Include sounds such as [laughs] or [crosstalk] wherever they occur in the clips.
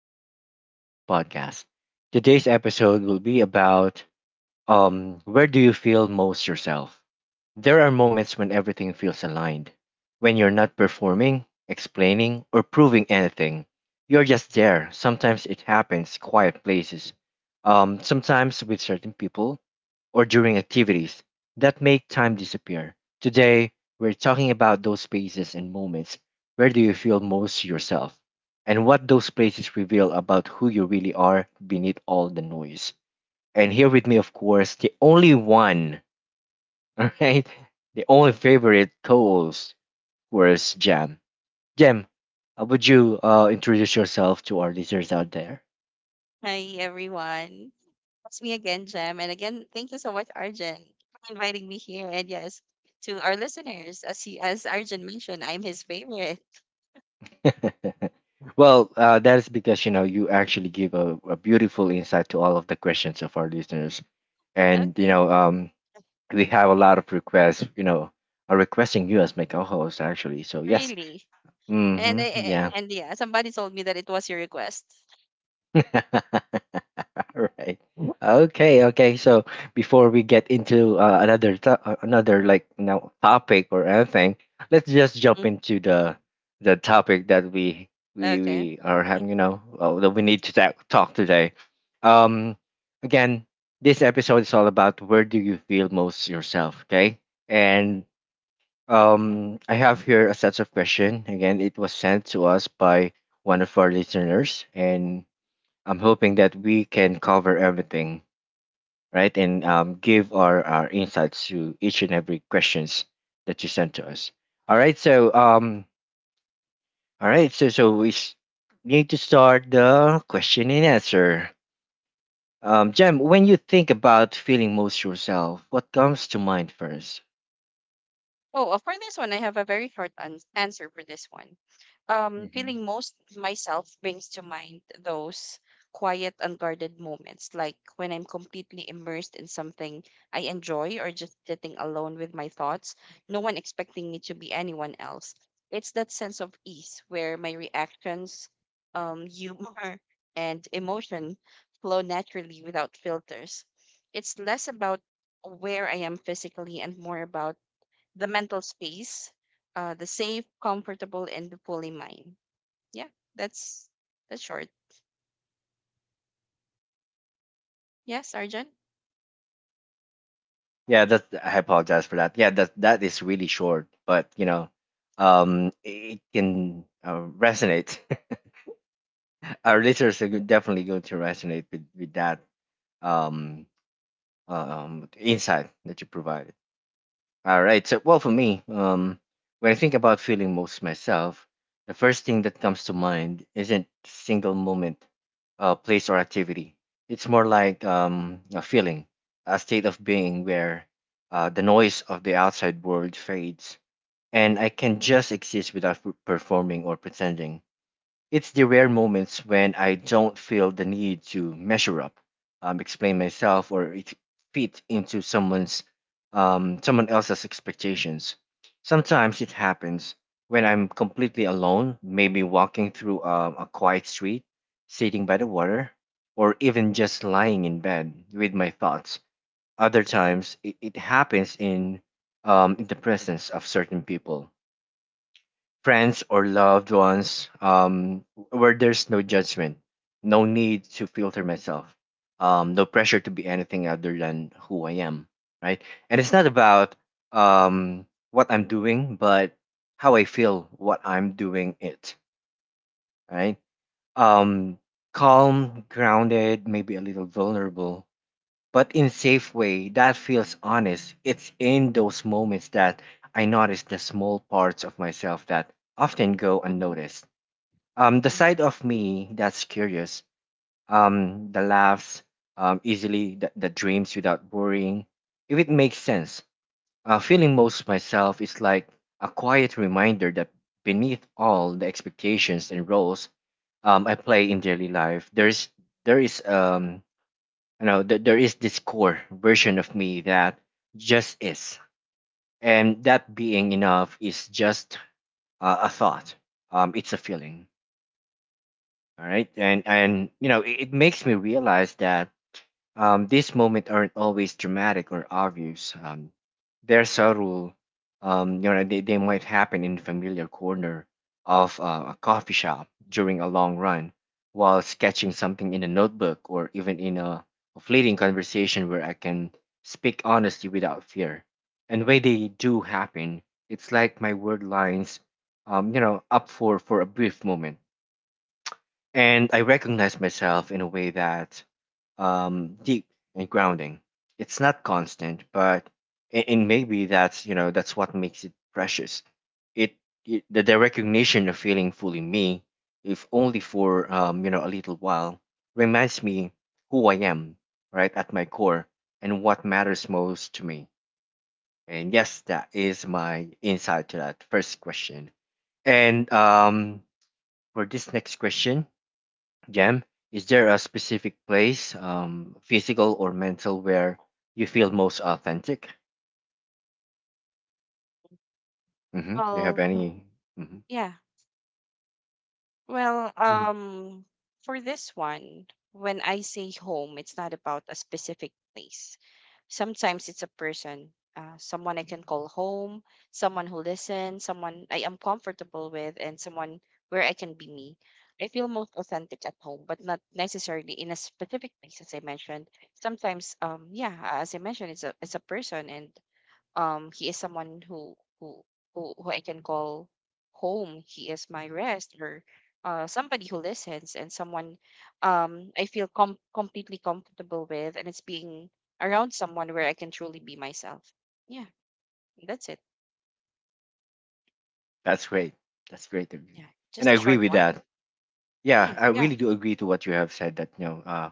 Welcome to Arjun's podcast. Today's episode will be about where do you feel most yourself? There are moments when everything feels aligned, when you're not performing, explaining, or proving anything. You're just there. Sometimes it happens quiet places, sometimes with certain people, or during activities that make time disappear. Today, we're talking about those spaces and moments. Where do you feel most yourself? And what those places reveal about who you really are beneath all the noise. And here with me, of course, the only one, [laughs] all right, the only favorite co-host, of course, Jam. Jam, how would you introduce yourself to our listeners out there? Hi, everyone. It's me again, Jem. And again, thank you so much, Arjun, for inviting me here. And yes, to our listeners, as Arjun mentioned, I'm his favorite. [laughs] Well, that is because you know you actually give a beautiful insight to all of the questions of our listeners, and Okay, we have a lot of requests. You know, are requesting you as my co-host actually. So yes, really. And I, mm-hmm, I- yeah, and yeah, somebody told me that it was your request. [laughs] [laughs] right. Okay. Okay. So before we get into another like now topic or anything, let's just jump Mm, into the topic that we we Okay. we are having. That we need to talk today. Um. Again, this episode is all about where do you feel most yourself. Okay. And I have here a set of question. Again, it was sent to us by one of our listeners, and I'm hoping that we can cover everything, right? And give our insights to each and every questions that you sent to us. All right. So all right. So so we s- need to start the question and answer. Jem, when you think about feeling most yourself, what comes to mind 1st? Oh, for this one, I have a very short answer for this one. Hmm Feeling most myself brings to mind those quiet, unguarded moments, like when I'm completely immersed in something I enjoy or just sitting alone with my thoughts, no one expecting me to be anyone else. It's that sense of ease where my reactions, humor, and emotion flow naturally without filters. It's less about where I am physically and more about the mental space, the safe, comfortable, and the fully mine. Yeah, that's that's short. Yes, Arjun. Yeah, that's. I apologize for that. Yeah, that is really short, but you know, it can resonate our listeners are definitely going to resonate with that um, insight that you provided. All right. So, well, for me, when I think about feeling most myself, the first thing that comes to mind isn't single moment, place, or activity. It's more like a feeling, a state of being where the noise of the outside world fades and I can just exist without performing or pretending. It's the rare moments when I don't feel the need to measure up, explain myself, or it fit into someone's, someone else's expectations. Sometimes it happens when I'm completely alone, maybe walking through a quiet street, sitting by the water, or even just lying in bed with my thoughts. Other times, it happens in the presence of certain people, friends or loved ones, where there's no judgment, no need to filter myself, no pressure to be anything other than who I am, right? And it's not about what I'm doing, but how I feel what I'm doing it, right? Um, calm, grounded, maybe a little vulnerable, but in safe way that feels honest. It's in those moments that I notice the small parts of myself that often go Mm-hmm. unnoticed. The Mm-hmm. side of me that's curious, the laughs, easily the dreams without worrying. If it makes sense, feeling most of myself is like a quiet reminder that beneath all the expectations and roles I play in daily life, there's there is you know that there is this core version of me that just is, and that being enough is just a thought, it's a feeling. All right, and you know it makes me realize that these moments aren't always dramatic or obvious. They're subtle. You know, they might happen in a familiar corner of a coffee shop during a long run, while sketching something in a notebook, or even in a fleeting conversation where I can speak honestly without fear. And when they do happen, it's like my word lines, you know, up for a brief moment and I recognize myself in a way that deep and grounding. It's not constant, but and maybe that's that's what makes it precious. It, the recognition of feeling fully me, if only for, a little while, reminds me who I am, right at my core, and what matters most to me. And yes, that is my insight to that first question. And for this next question, Jam, is there a specific place, physical or mental, where you feel most authentic? Mm-hmm. Do you have Well, any? hmm yeah. Well, hmm um, for this one, when I say home, it's not about a specific place. Sometimes it's a person, someone I can call home, someone who listens, someone I am comfortable with, and someone where I can be me. I feel most authentic at home, but not necessarily in a specific place, as I mentioned. Sometimes, yeah, as I mentioned, it's a person, and he is someone who who I can call home. He is my rest or somebody who listens and someone I feel completely comfortable with, and it's being around someone where I can truly be myself. Yeah, that's it. That's great. That's great. To agree. Yeah, And just I a agree short with one. that. Yeah, I Yeah. really do agree to what you have said that you know, uh,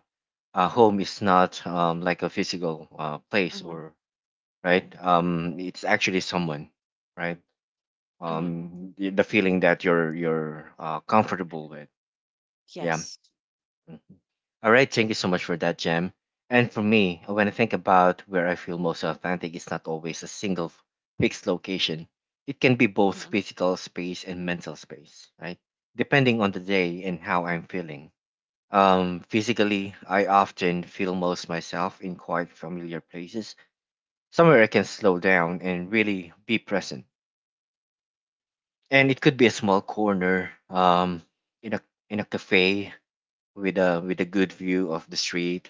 uh, home is not like a physical place Mm-hmm. or Yeah. right. It's actually someone, right? Mm-hmm. The feeling that you're comfortable with. Yeah. Yes. All right, thank you so much for that, Jam. And for me, when I think about where I feel most authentic, it's not always a single fixed location. It can be both Mm-hmm. physical space and mental space, right? Depending on the day and how I'm feeling. Physically, I often feel most myself in quite familiar places, somewhere I can slow down and really be present. And it could be a small corner, in a in a cafe with a good view of the street,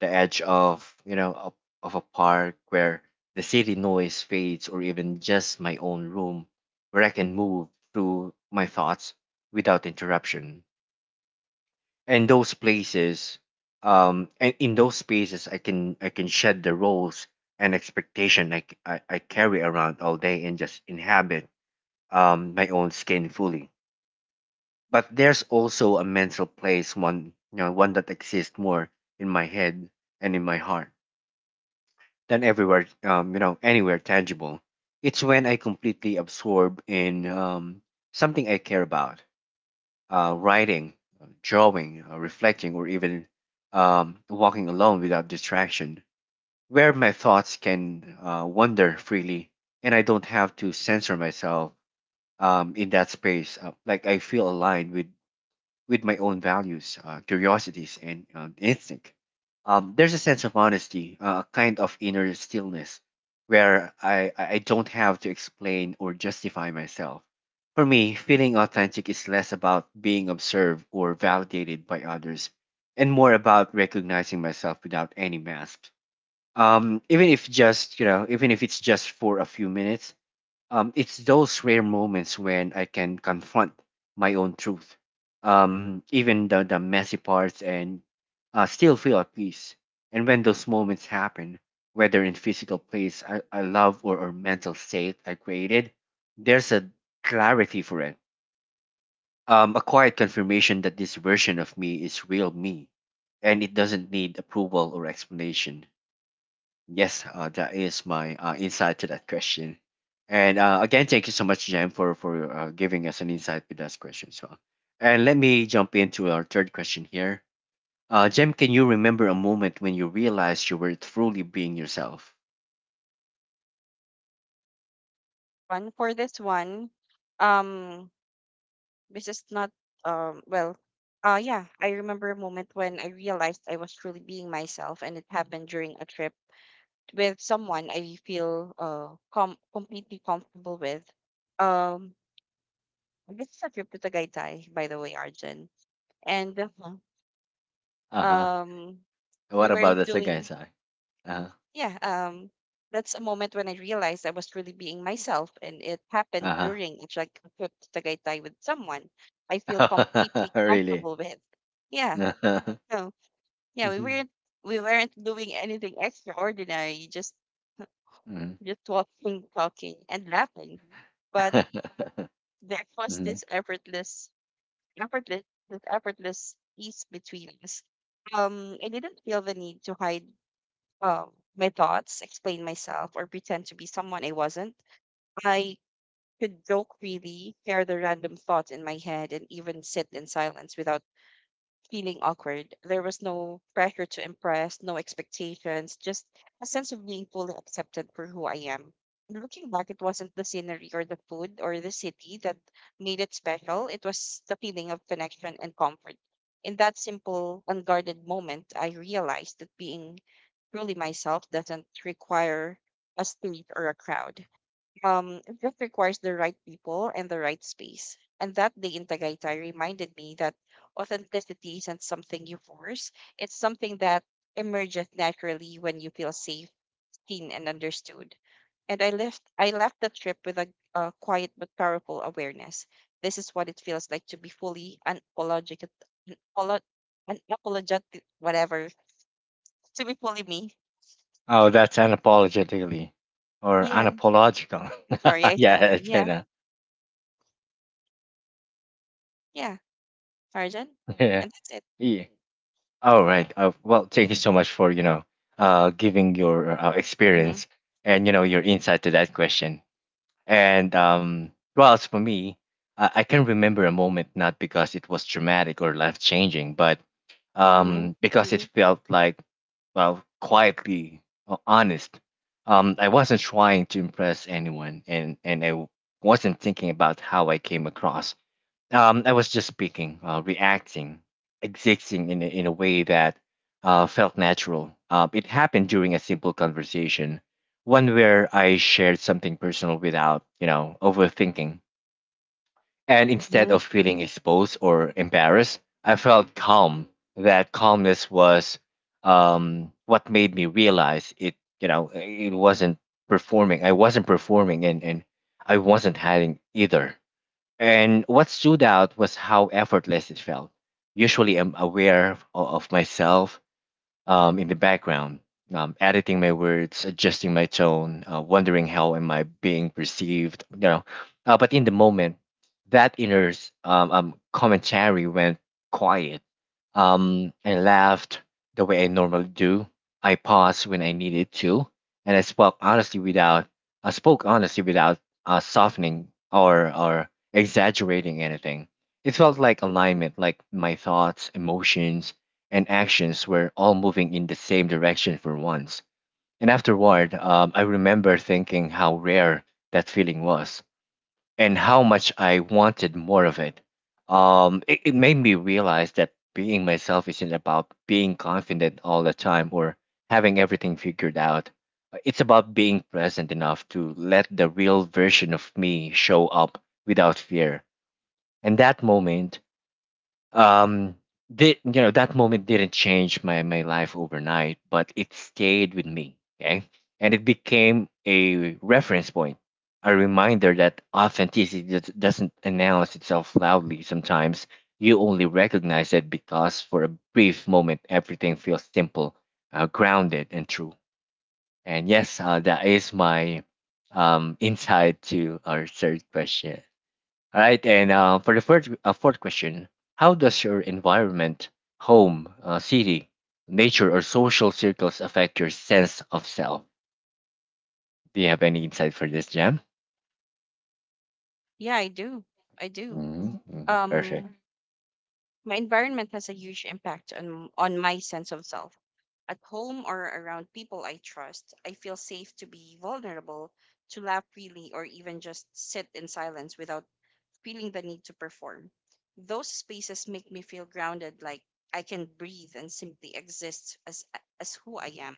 the edge of, of a park where the city noise fades, or even just my own room where I can move through my thoughts without interruption. And those places, and in those spaces, I can I can shed the roles and expectation I carry around all day and just inhabit my own skin fully. But there's also a mental place, one one that exists more in my head and in my heart than everywhere, anywhere tangible. It's when I completely absorb in something I care about, writing, drawing, reflecting, or even walking alone without distraction, where my thoughts can wander freely and I don't have to censor myself in that space. Like I feel aligned with my own values, curiosities, and instinct. There's a sense of honesty, a kind of inner stillness, where I don't have to explain or justify myself. For me, feeling authentic is less about being observed or validated by others, and more about recognizing myself without any mask. Even if just you know, even if it's just for a few minutes, it's those rare moments when I can confront my own truth, even the messy parts, and still feel at peace. And when those moments happen, whether in physical place I love, or mental state I created, there's a clarity for it. A quiet confirmation that this version of me is real me, and it doesn't need approval or explanation. Yes, that is my insight to that question. And again, thank you so much, Jen, for giving us an insight with that question as well. And let me jump into our third question here. Jem, can you remember a moment when you realized you were truly being yourself? One for this one. Um, This is not well Yeah, I remember a moment when I realized I was truly being myself, and it happened during a trip with someone I feel completely comfortable with. Um this is a trip to Tagaytay, by the way, Arjun. And Uh huh. um What we about weren't the second doing side? Uh huh. Yeah, that's a moment when I realized I was truly being myself, and it happened Uh during a trip to Tagaytay with someone I feel huh. completely [laughs] really? comfortable with. Yeah. [laughs] No. Yeah, we Uh-huh. weren't we weren't doing anything extraordinary, Mhm. just walking, talking, and laughing. But [laughs] there was Mhm. this effortless effortless this effortless ease between us. I didn't feel the need to hide um my thoughts, explain myself, or pretend to be someone I wasn't. I could joke freely, share the random thoughts in my head, and even sit in silence without feeling awkward. There was no pressure to impress, no expectations, just a sense of being fully accepted for who I am. And looking back, it wasn't the scenery or the food or the city that made it special. It was the feeling of connection and comfort. In that simple, unguarded moment, I realized that being truly myself doesn't require a stage or a crowd. It just requires the right people and the right space. And that day in Tagaytay reminded me that authenticity isn't something you force, it's something that emerges naturally when you feel safe, seen, and understood. And I left the trip with a quiet but powerful awareness. This is what it feels like to be fully unapologetic, unapolo- unapologetic, whatever, [laughs] to be fully me. Oh, that's unapologetically or Yeah, unapological. I'm sorry, [laughs] I yeah, stutter. it's Yeah, kind. yeah, Arjan, Yeah. and that's it. Yeah. All Yeah. right. Well, thank you so much for you know giving your Mm-hmm. experience and you know your insight to that question. And well, as for me, I can remember a moment not because it was dramatic or life changing, but Mm-hmm. Because it felt like well quietly honest. I wasn't trying to impress anyone, and I wasn't thinking about how I came across. I was just speaking, reacting, existing in in a way that felt natural. It happened during a simple conversation, one where I shared something personal without, you know, overthinking. And instead Hmm. of feeling exposed or embarrassed, I felt calm. That calmness was what made me realize it, you know, it wasn't performing. I wasn't performing and I wasn't hiding either, and what stood out was how effortless it felt. Usually, I'm aware of myself, in the background, editing my words, adjusting my tone, wondering how am I being perceived, you know. But in the moment, that inner commentary went quiet. I laughed the way I normally do. I paused when I needed to, and I spoke honestly without softening or exaggerating anything. It felt like alignment, like my thoughts, emotions, and actions were all moving in the same direction for once. And afterward, I remember thinking how rare that feeling was and how much I wanted more of it. It made me realize that being myself isn't about being confident all the time or having everything figured out. It's about being present enough to let the real version of me show up without fear. And that moment, um did you know that moment didn't change my life overnight, but it stayed with me, okay, and it became a reference point, a reminder that authenticity doesn't announce itself loudly. Sometimes you only recognize it because for a brief moment everything feels simple, grounded and true. And yes, that is my insight to our third question. All right, and for the first fourth question, how does your environment, home, city, nature, or social circles affect your sense of self? Do you have any insight for this, Jam? Yeah, I do. I do. Mhm, mhm. Perfect. Um, my environment has a huge impact on my sense of self. At home or around people I trust, I feel safe to be vulnerable, to laugh freely, or even just sit in silence without feeling the need to perform. Those spaces make me feel grounded, like I can breathe and simply exist as who I am.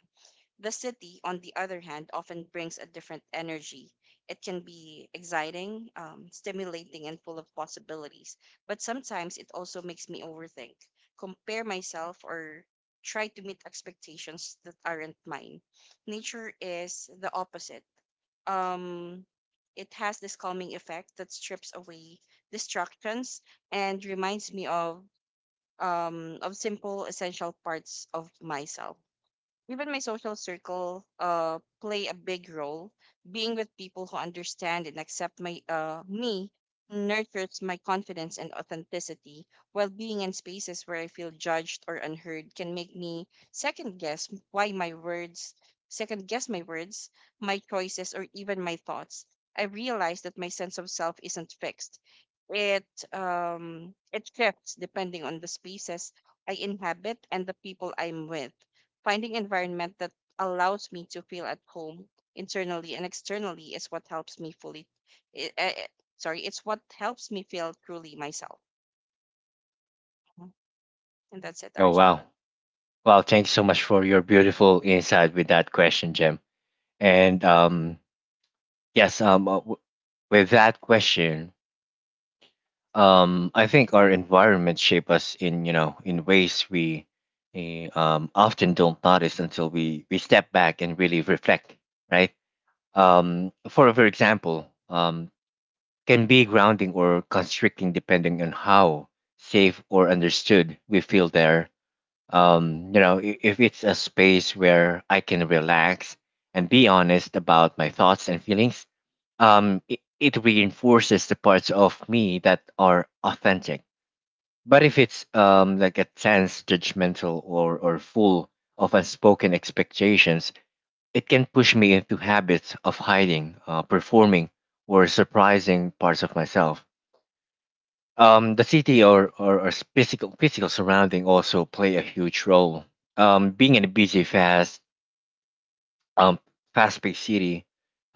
The city, on the other hand, often brings a different energy. It can be exciting, stimulating, and full of possibilities. But sometimes it also makes me overthink, compare myself, or try to meet expectations that aren't mine. Nature is the opposite. Um, it has this calming effect that strips away distractions and reminds me of simple essential parts of myself. Even my social circle play a big role. Being with people who understand and accept my me nurtures my confidence and authenticity, while being in spaces where I feel judged or unheard can make me second guess why my words, second guess my words, my choices, or even my thoughts. I realize that my sense of self isn't fixed. It it shifts depending on the spaces I inhabit and the people I'm with. Finding environment that allows me to feel at home internally and externally is what helps me fully. i- eh, eh, Sorry, it's what helps me feel truly myself. Mhm. And that's it, Oh Arjun. wow, wow! Thanks so much for your beautiful insight with that question, Jam. And yes, with that question, I think our environment shape us in in ways we often don't notice until we step back and really reflect, right? For example, can be grounding or constricting depending on how safe or understood we feel there. You know, if it's a space where I can relax and be honest about my thoughts and feelings, it reinforces the parts of me that are authentic, but if it's like a tense, judgmental, or full of unspoken expectations, it can push me into habits of hiding, performing, or surprising parts of myself. The city or physical surrounding also play a huge role. Being in a busy, fast um, fast paced city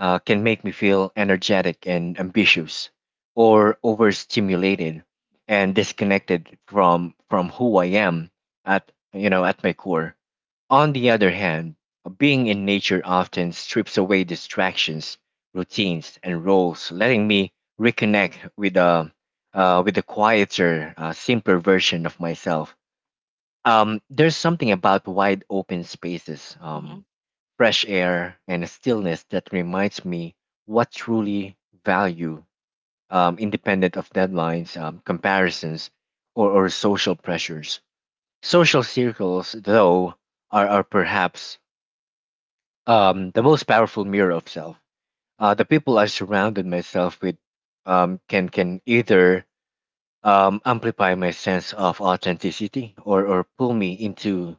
can make me feel energetic and ambitious, or overstimulated and disconnected from who I am at at my core. On the other hand, being in nature often strips away distractions, routines, and roles, letting me reconnect with a with a quieter, simpler version of myself. There's something about wide open spaces, Hmm. Fresh air, and a stillness that reminds me what truly value, independent of deadlines, comparisons, or social pressures. Social circles, though, are perhaps the most powerful mirror of self. The people I surrounded myself with can either amplify my sense of authenticity, or pull me into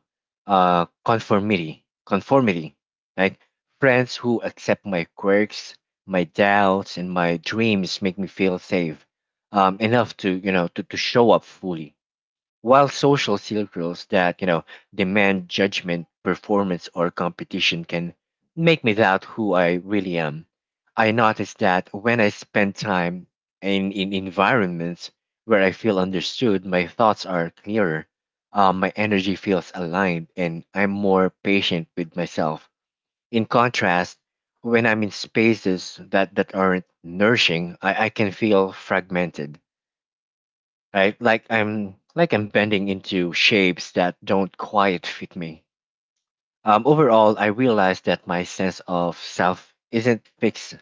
conformity, right? Friends who accept my quirks, my doubts, and my dreams make me feel safe enough to to show up fully, while social circles that, demand judgment, performance, or competition can make me doubt who I really am. I notice that when I spend time in environments where I feel understood, my thoughts are clearer, my energy feels aligned, and I'm more patient with myself. In contrast, when I'm in spaces that aren't nourishing, I can feel fragmented, right? Like I'm bending into shapes that don't quite fit me. Overall, I realize that my sense of self isn't fixed.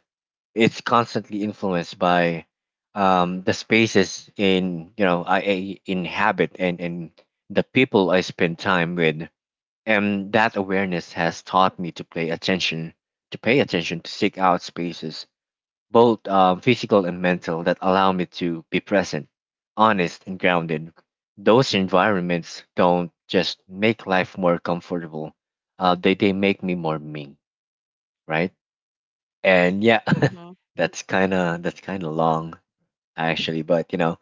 It's constantly influenced by the spaces in you know I inhabit and the people I spend time with. And that awareness has taught me to pay attention, to seek out spaces, both physical and mental, that allow me to be present, honest, and grounded. Those environments don't just make life more comfortable, they make me more me, right? And yeah, Hmm. [laughs] that's kind of long, actually, but you know,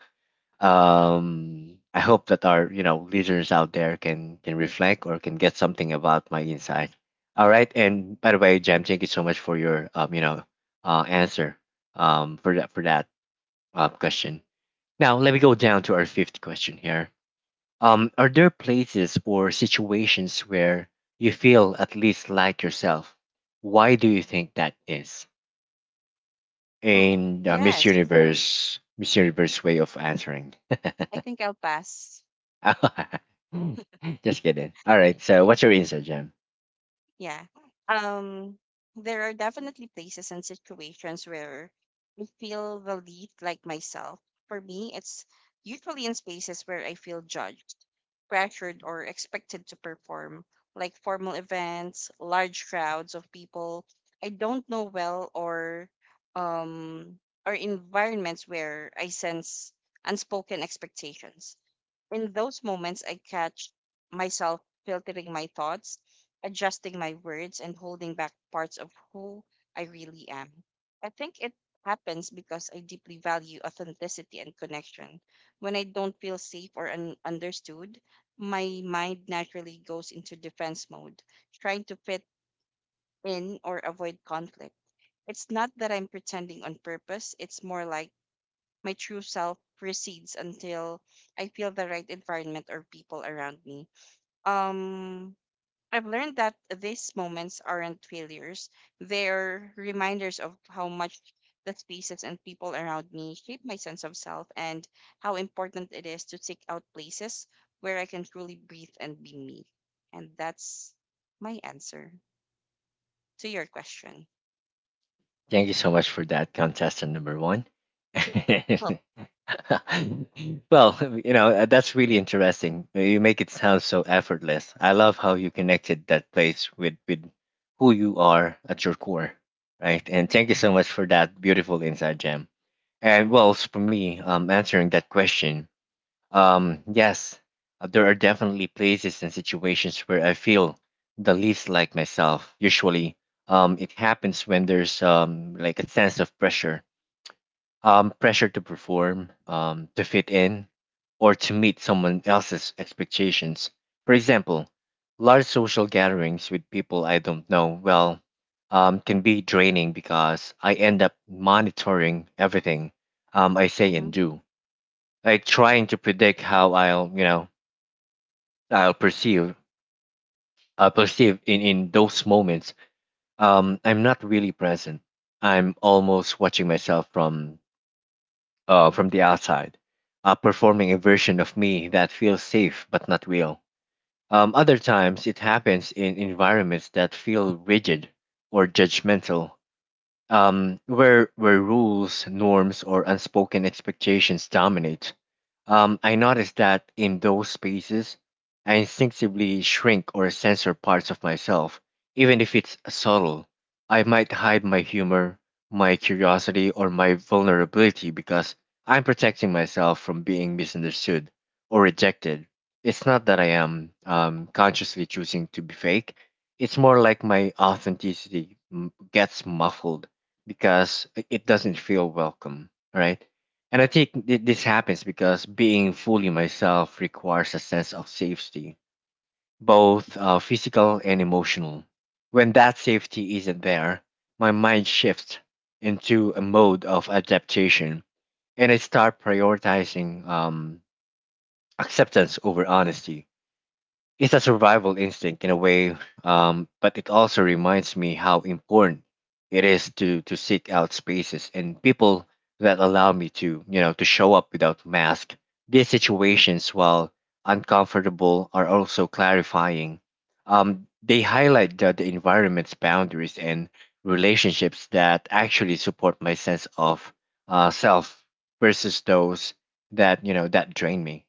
um, I hope that our listeners out there can reflect or can get something about my insight. All right, and by the way, Jam, thank you so much for your answer for that question. Now, let me go down to our fifth question here. Are there places or situations where you feel at least like yourself? Why do you think that is? Um, In yes, Miss Universe way of answering. I think I'll pass. [laughs] Just kidding. All right. Y- So, y- what's your answer, Jam? Yeah. Um, there are definitely places and situations where I feel the lead like myself. For me, it's usually in spaces where I feel judged, pressured, or expected to perform, like formal events, large crowds of people I don't know well, um, or environments where I sense unspoken expectations. In those moments, I catch myself filtering my thoughts, adjusting my words, and holding back parts of who I really am. I think it happens because I deeply value authenticity and connection. When I don't feel safe or understood, my mind naturally goes into defense mode, trying to fit in or avoid conflict. It's not that I'm pretending on purpose, it's more like my true self recedes until I feel the right environment or people around me. Um, I've learned that these moments aren't failures, they're reminders of how much the spaces and people around me shape my sense of self and how important it is to seek out places where I can truly breathe and be me. And that's my answer to your question. Thank you so much for that, contestant number one. Oh, [laughs] Well, you know, that's really interesting. You make it sound so effortless. I love how you connected that place with, who you are at your core, right? And thank you so much for that beautiful inside gem. And well, for me, answering that question, yes, there are definitely places and situations where I feel the least like myself. Usually, it happens when there's like a sense of pressure, pressure to perform, to fit in, or to meet someone else's expectations. For example, large social gatherings with people I don't know well can be draining because I end up monitoring everything I say mhm, and do, like trying to predict how I'll you know I'll perceive I'll perceive in those moments. I'm not really present. I'm almost watching myself from the outside, performing a version of me that feels safe but not real. Other times it happens in environments that feel rigid or judgmental, where rules, norms, or unspoken expectations dominate. I notice that in those spaces, I instinctively shrink or censor parts of myself, even if it's subtle. I might hide my humor, my curiosity, or my vulnerability because I'm protecting myself from being misunderstood or rejected. It's not that I am consciously choosing to be fake. It's more like my authenticity gets muffled because it doesn't feel welcome, right? And I think this happens because being fully myself requires a sense of safety, both physical and emotional. When that safety isn't there, my mind shifts into a mode of adaptation, and I start prioritizing acceptance over honesty. It's a survival instinct in a way, but it also reminds me how important it is to seek out spaces and people that allow me to to show up without mask. These situations, while uncomfortable, are also clarifying. They highlight the environment's boundaries and relationships that actually support my sense of self versus those that that drain me.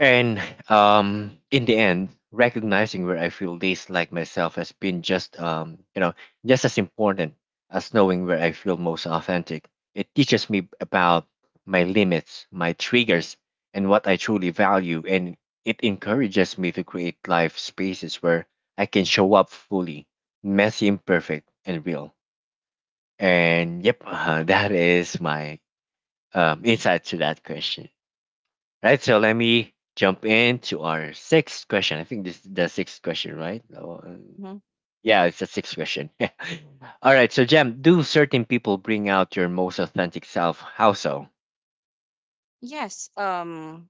And in the end, recognizing where I feel least like myself has been just just as important as knowing where I feel most authentic. It teaches me about my limits, my triggers, and what I truly value, and it encourages me to create life spaces where I can show up fully, messy, imperfect, and real. And yep, [laughs] that is my insight to that question. Right, so let me jump into our sixth question. I think this is the sixth question, right? Oh, mhm. yeah, it's the sixth question. [laughs] All right, so Jam, do certain people bring out your most authentic self? How so? Yes.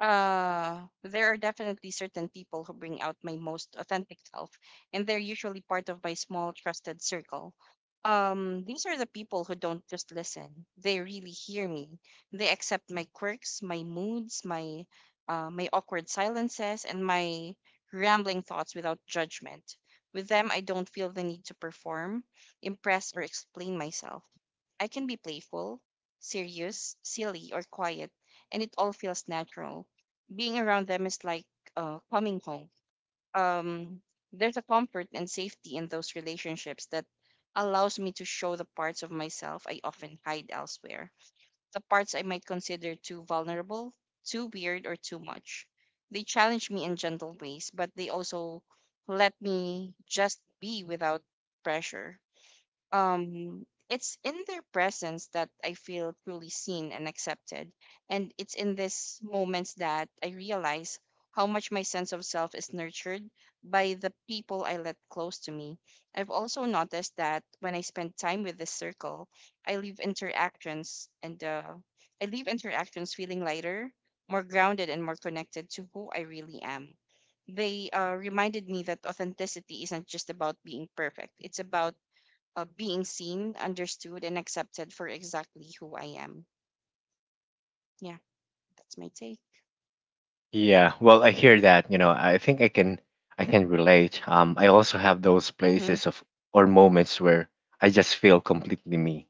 uh there are definitely certain people who bring out my most authentic self, and they're usually part of my small trusted circle. These are the people who don't just listen, they really hear me. They accept my quirks, my moods, my my awkward silences and my rambling thoughts without judgment. With them, I don't feel the need to perform, impress, or explain myself. I can be playful, serious, silly, or quiet, and it all feels natural. Being around them is like coming home. Um, there's a comfort and safety in those relationships that allows me to show the parts of myself I often hide elsewhere, the parts I might consider too vulnerable, too weird, or too much. They challenge me in gentle ways, but they also let me just be without pressure. It's in their presence that I feel truly seen and accepted. And it's in these moments that I realize how much my sense of self is nurtured by the people I let close to me. I've also noticed that when I spend time with this circle, I leave interactions and uh, I leave interactions feeling lighter, more grounded, and more connected to who I really am. They reminded me that authenticity isn't just about being perfect. It's about being seen, understood, and accepted for exactly who I am. Yeah, that's my take. Yeah, well, I hear that. You know, I think I can relate. I also have those Mm-hmm. places of or moments where I just feel completely me,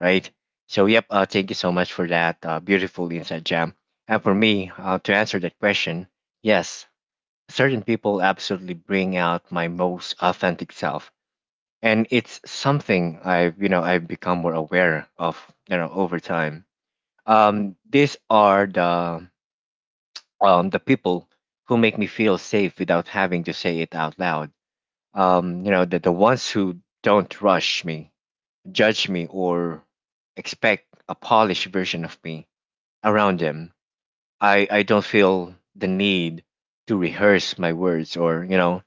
right? So, yep. Thank you so much for that beautiful insight, Jam. And for me, to answer that question, yes, certain people absolutely bring out my most authentic self, and it's something I've you know I've become more aware of over time. These are the people who make me feel safe without having to say it out loud. You know, the ones who don't rush me, judge me, or expect a polished version of me around them. I don't feel the need to rehearse my words or you know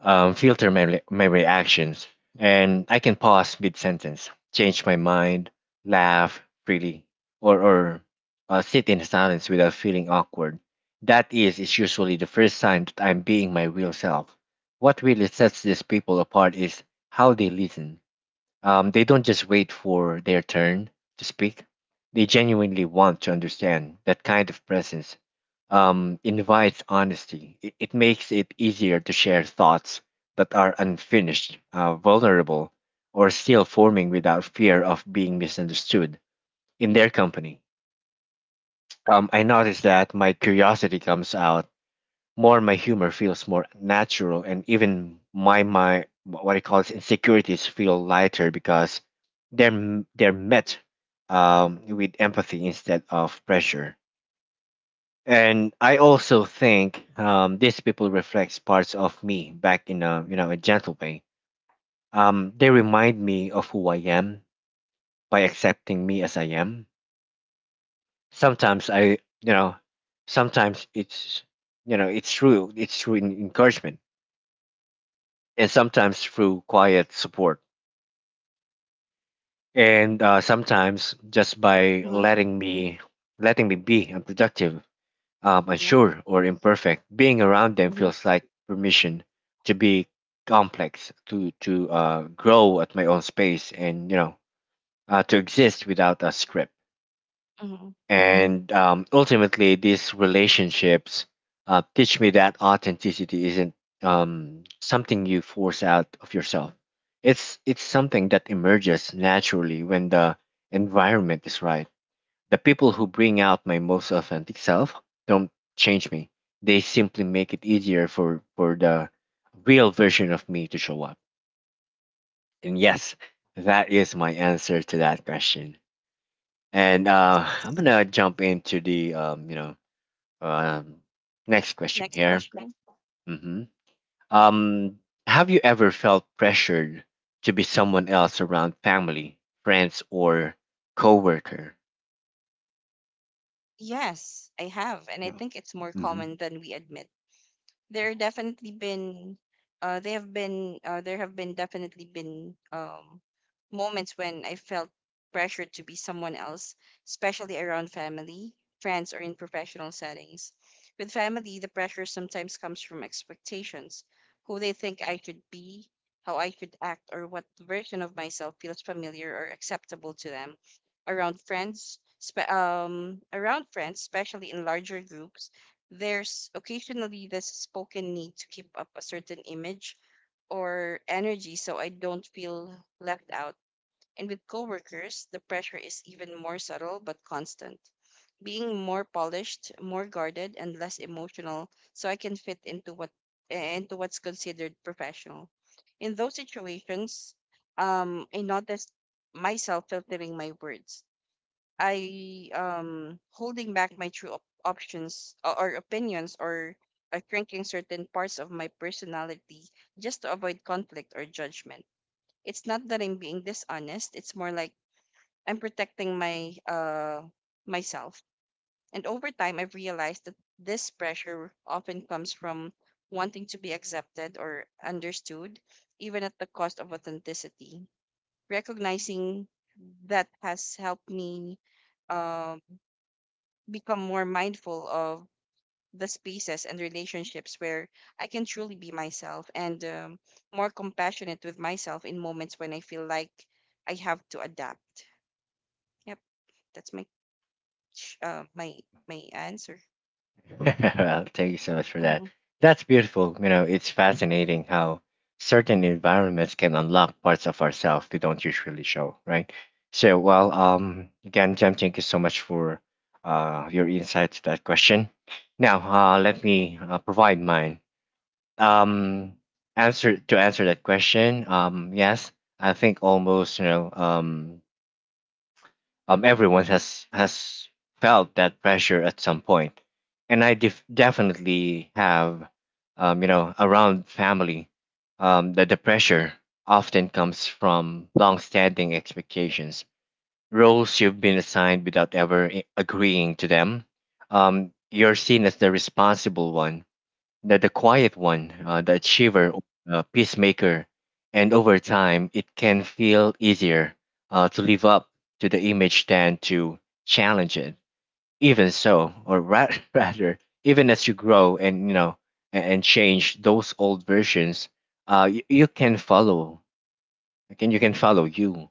um, filter my, my reactions, and I can pause mid sentence, change my mind, laugh freely, or sit in silence without feeling awkward. That is usually the first sign that I'm being my real self. What really sets these people apart is how they listen. They don't just wait for their turn to speak, they genuinely want to understand. That kind of presence invites honesty, it makes it easier to share thoughts that are unfinished, vulnerable, or still forming without fear of being misunderstood in their company. I noticed that my curiosity comes out more, my humor feels more natural, and even my what I call it insecurities feel lighter because they're met with empathy instead of pressure. And I also think these people reflects parts of me back in a a gentle way. They remind me of who I am by accepting me as I am. Sometimes I you know sometimes it's you know it's true, it's true in encouragement, and sometimes through quiet support, and sometimes just by Mm-hmm. Letting me be unproductive, Yeah. unsure, or imperfect. Being around them Mm-hmm. feels like permission to be complex, to grow at my own space, and to exist without a script. Mm-hmm. And Ultimately, these relationships teach me that authenticity isn't something you force out of yourself. It's something that emerges naturally when the environment is right. The people who bring out my most authentic self don't change me. They simply make it easier for the real version of me to show up. And yes, that is my answer to that question. And Yes. I'm gonna jump into the um, next question Next here. question. hmm Um, have you ever felt pressured to be someone else around family, friends, or coworker? Yes, I have. And I think it's more Mm-hmm. common than we admit. there definitely been there have been definitely been moments when I felt pressured to be someone else, especially around family, friends, or in professional settings. With family, the pressure sometimes comes from expectations, who they think I should be, how I should act, or what version of myself feels familiar or acceptable to them. Around friends, around friends, especially in larger groups, there's occasionally this spoken need to keep up a certain image or energy so I don't feel left out. And with coworkers, the pressure is even more subtle but constant. Being more polished, more guarded, and less emotional so I can fit into into what's considered professional. In those situations, I noticed myself filtering my words. I Holding back my true options or opinions, or shrinking certain parts of my personality just to avoid conflict or judgment. It's not that I'm being dishonest. It's more like I'm protecting my myself. And over time, I've realized that this pressure often comes from wanting to be accepted or understood, even at the cost of authenticity. Recognizing that has helped me um become more mindful of the spaces and relationships where I can truly be myself, and more compassionate with myself in moments when I feel like I have to adapt. Yep, that's my sh- my my answer. [laughs] Well, thank you so much for that. Mm-hmm. That's beautiful. You know, it's fascinating how certain environments can unlock parts of ourselves we don't usually show, right? So, again, Jem, thank you so much for your insight to that question. Now, let me provide mine. um Answer to answer that question, yes, I think almost, everyone has felt that pressure at some point, and definitely have. Around family, that the pressure often comes from long-standing expectations, roles you've been assigned without ever agreeing to them. You're seen as the responsible one, the quiet one, the achiever, peacemaker, and over time it can feel easier to live up to the image than to challenge it. Even so, or ra- [laughs] rather, even as you grow and and change those old versions, you can follow. Can follow you,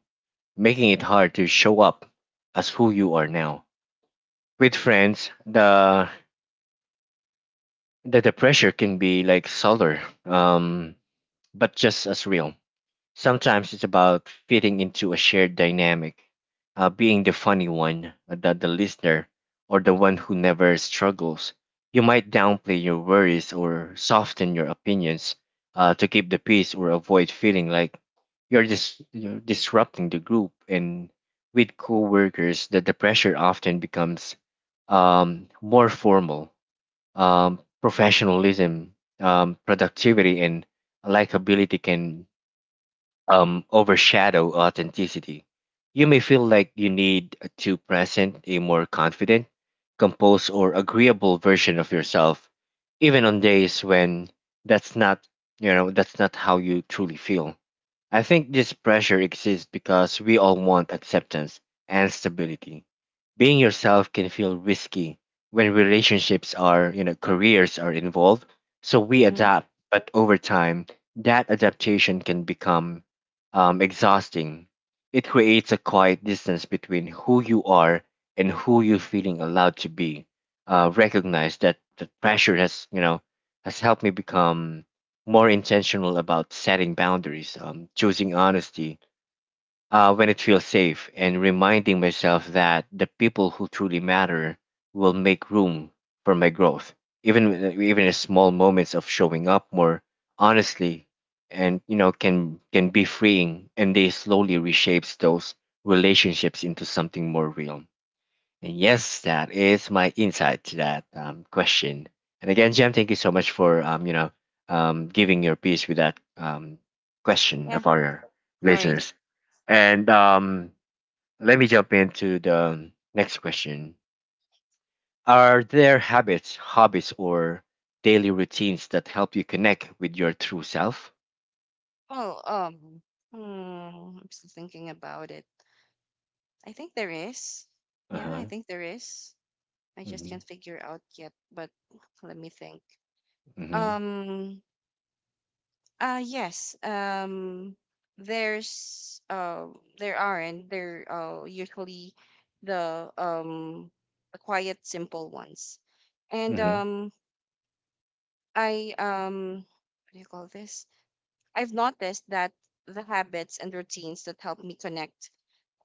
making it hard to show up as who you are now. With friends, the pressure can be like subtler. Um, but just as real. Sometimes it's about fitting into a shared dynamic, being the funny one, the listener, or the one who never struggles. You might downplay your worries or soften your opinions to keep the peace or avoid feeling like you're disrupting the group. And with coworkers, the pressure often becomes more formal. Professionalism, productivity, and likability can overshadow authenticity. You may feel like you need to present a more confident, composed, or agreeable version of yourself, even on days when that's not, that's not how you truly feel. I think this pressure exists because we all want acceptance and stability. Being yourself can feel risky when relationships are, careers are involved. So we Hmm. adapt, but over time, that adaptation can become exhausting. It creates a quiet distance between who you are and who you're feeling allowed to be. Recognize that the pressure has, has helped me become more intentional about setting boundaries, choosing honesty when it feels safe, and reminding myself that the people who truly matter will make room for my growth. Even in small moments of showing up more honestly, and you know can be freeing, and they slowly reshapes those relationships into something more real. And yes, that is my insight to that question. And again, Jam, thank you so much for giving your piece with that question Yeah, of our no worries. listeners. And Let me jump into the next question. Are there habits, hobbies, or daily routines that help you connect with your true self? Well, hmm, I'm still thinking about it. I think there is. Uh Yeah, I huh. think there is. I just can't figure out yet, but let me think. Mm-hmm. Um, yes. There's there aren't. They're usually the the quiet simple ones. And Mm-hmm. I What do you call this? I've noticed that the habits and routines that help me connect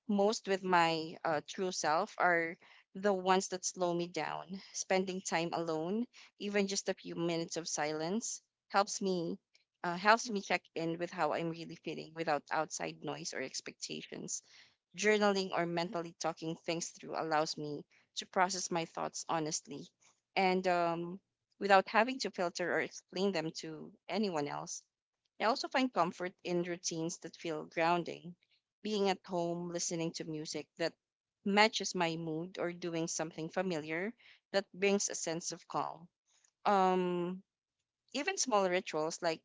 most with my true self are the ones that slow me down. Spending time alone, even just a few minutes of silence, helps me helps me check in with how I'm really feeling without outside noise or expectations. Journaling or mentally talking things through allows me to process my thoughts honestly and, without having to filter or explain them to anyone else. I also find comfort in routines that feel grounding, being at home, listening to music that matches my mood, or doing something familiar that brings a sense of calm. Um, Even small rituals like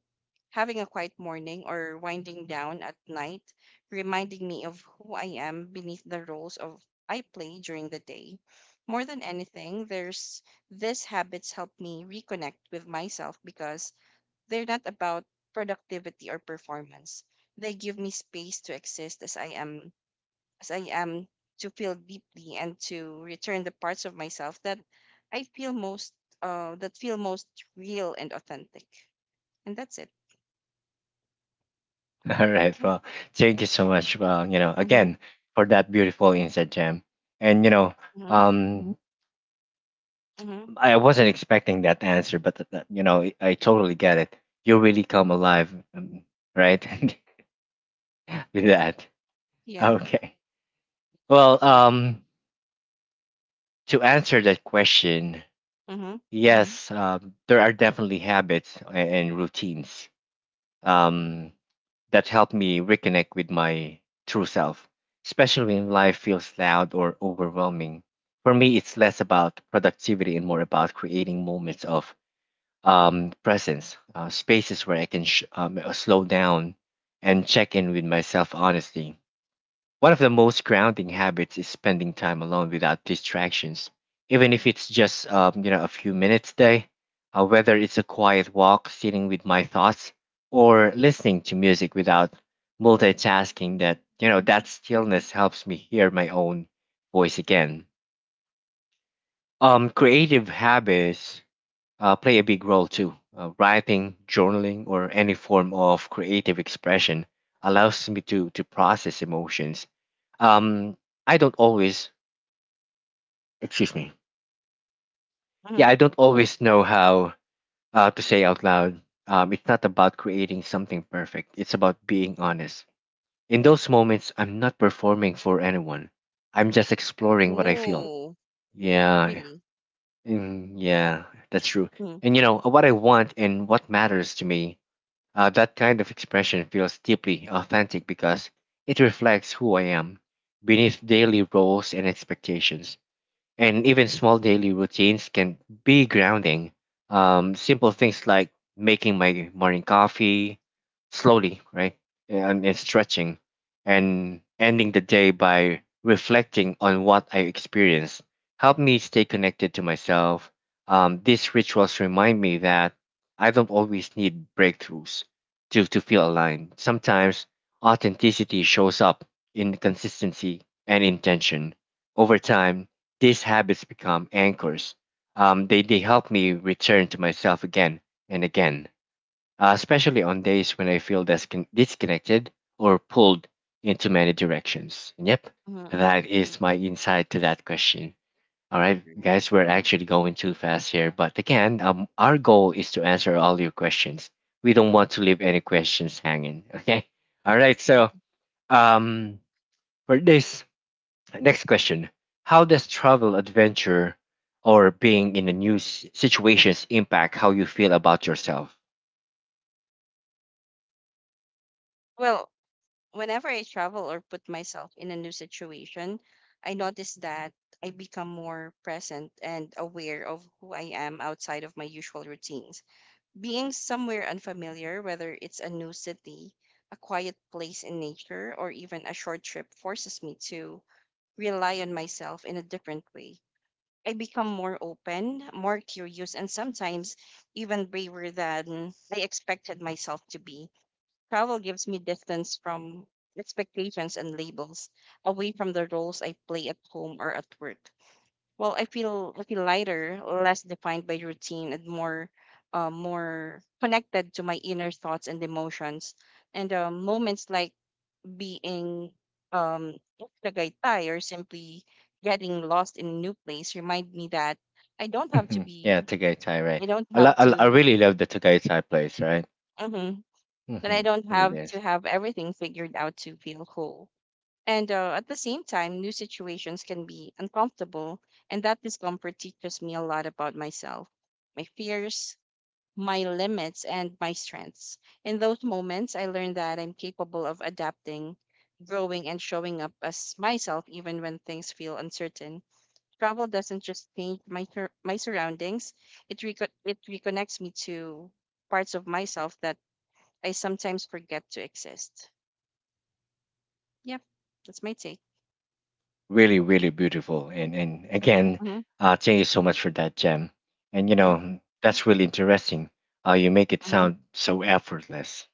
having a quiet morning or winding down at night, reminding me of who I am beneath the roles of I play during the day. More than anything, there's these habits help me reconnect with myself because they're not about productivity or performance. They give me space to exist as I am, to feel deeply and to return the parts of myself that I feel most, that feel most real and authentic. And that's it. [laughs] All right. Yeah. Well, thank you so much. Well, you know, Mhm. again, for that beautiful insight, Jam. And you know, Mhm. um, Mhm. I wasn't expecting that answer, but that, you know, I totally get it. You really come alive, right? [laughs] With that. Yeah. Okay. Well, Why? To answer that question, Mhm. yes, there are definitely habits and routines. Um, that helped me reconnect with my true self, especially when life feels loud or overwhelming. For me, it's less about productivity and more about creating moments of presence, spaces where I can slow down and check in with myself honestly. One of the most grounding habits is spending time alone without distractions, even if it's just a few minutes a day. Whether it's a quiet walk, sitting with my thoughts, or listening to music without multitasking, that you know that stillness helps me hear my own voice again. Creative habits play a big role too. Writing, journaling, or any form of creative expression allows me to process emotions. Um, I don't always, excuse me, yeah, Mhm. I don't always know how to say out loud. It's not about creating something perfect. It's about being honest. In those moments, I'm not performing for anyone. I'm just exploring what I feel. Oh, Yeah, really? Yeah, that's true. Mhm. And you know what I want and what matters to me. That kind of expression feels deeply authentic because it reflects who I am beneath daily roles and expectations, and even small daily routines can be grounding. Simple things like making my morning coffee slowly, right, and stretching, and ending the day by reflecting on what I experienced help me stay connected to myself. These rituals remind me that I don't always need breakthroughs to, feel aligned. Sometimes authenticity shows up in consistency and intention. Over time, these habits become anchors. They help me return to myself again and again, especially on days when I feel disconnected or pulled into many directions. And yep, Mhm. that Mhm. is my insight to that question. All right, guys, Right. we're actually going too fast here. But again, our goal is to answer all your questions. We don't want to leave any questions hanging. [laughs] Okay. All right. Yeah. So, um, for this next question. How does travel adventure or being in a new situations impact how you feel about yourself? Well, whenever I travel or put myself in a new situation, I notice that I become more present and aware of who I am outside of my usual routines. Being somewhere unfamiliar, whether it's a new city, a quiet place in nature, or even a short trip, forces me to rely on myself in a different way. I become more open, more curious, and sometimes even braver than I expected myself to be. Travel gives me distance from expectations and labels, away from the roles I play at home or at work. Well, I feel lighter, less defined by routine, and more, more connected to my inner thoughts and emotions. And moments like being, um off the tagaytay or simply getting lost in a new place remind me that I don't have to Mhm. be Yeah, Tagaytay, right? I don't have I to really love the Tagaytay place, right? mm-hmm, that I Hmm. It don't have really to is. have everything figured out to feel whole. And at the same time, new situations can be uncomfortable, and that discomfort teaches me a lot about myself, my fears, my limits, and my strengths. In those moments, I learn that I'm capable of adapting, growing, and showing up as myself even when things feel uncertain. Travel doesn't just change my surroundings; it reconnects me to parts of myself that I sometimes forget to exist. Yep, that's my take. Really, really beautiful. And again, Hmm. Thank you so much for that, Gem. And you Yeah. know, that's really interesting. You make it Hmm. sound so effortless.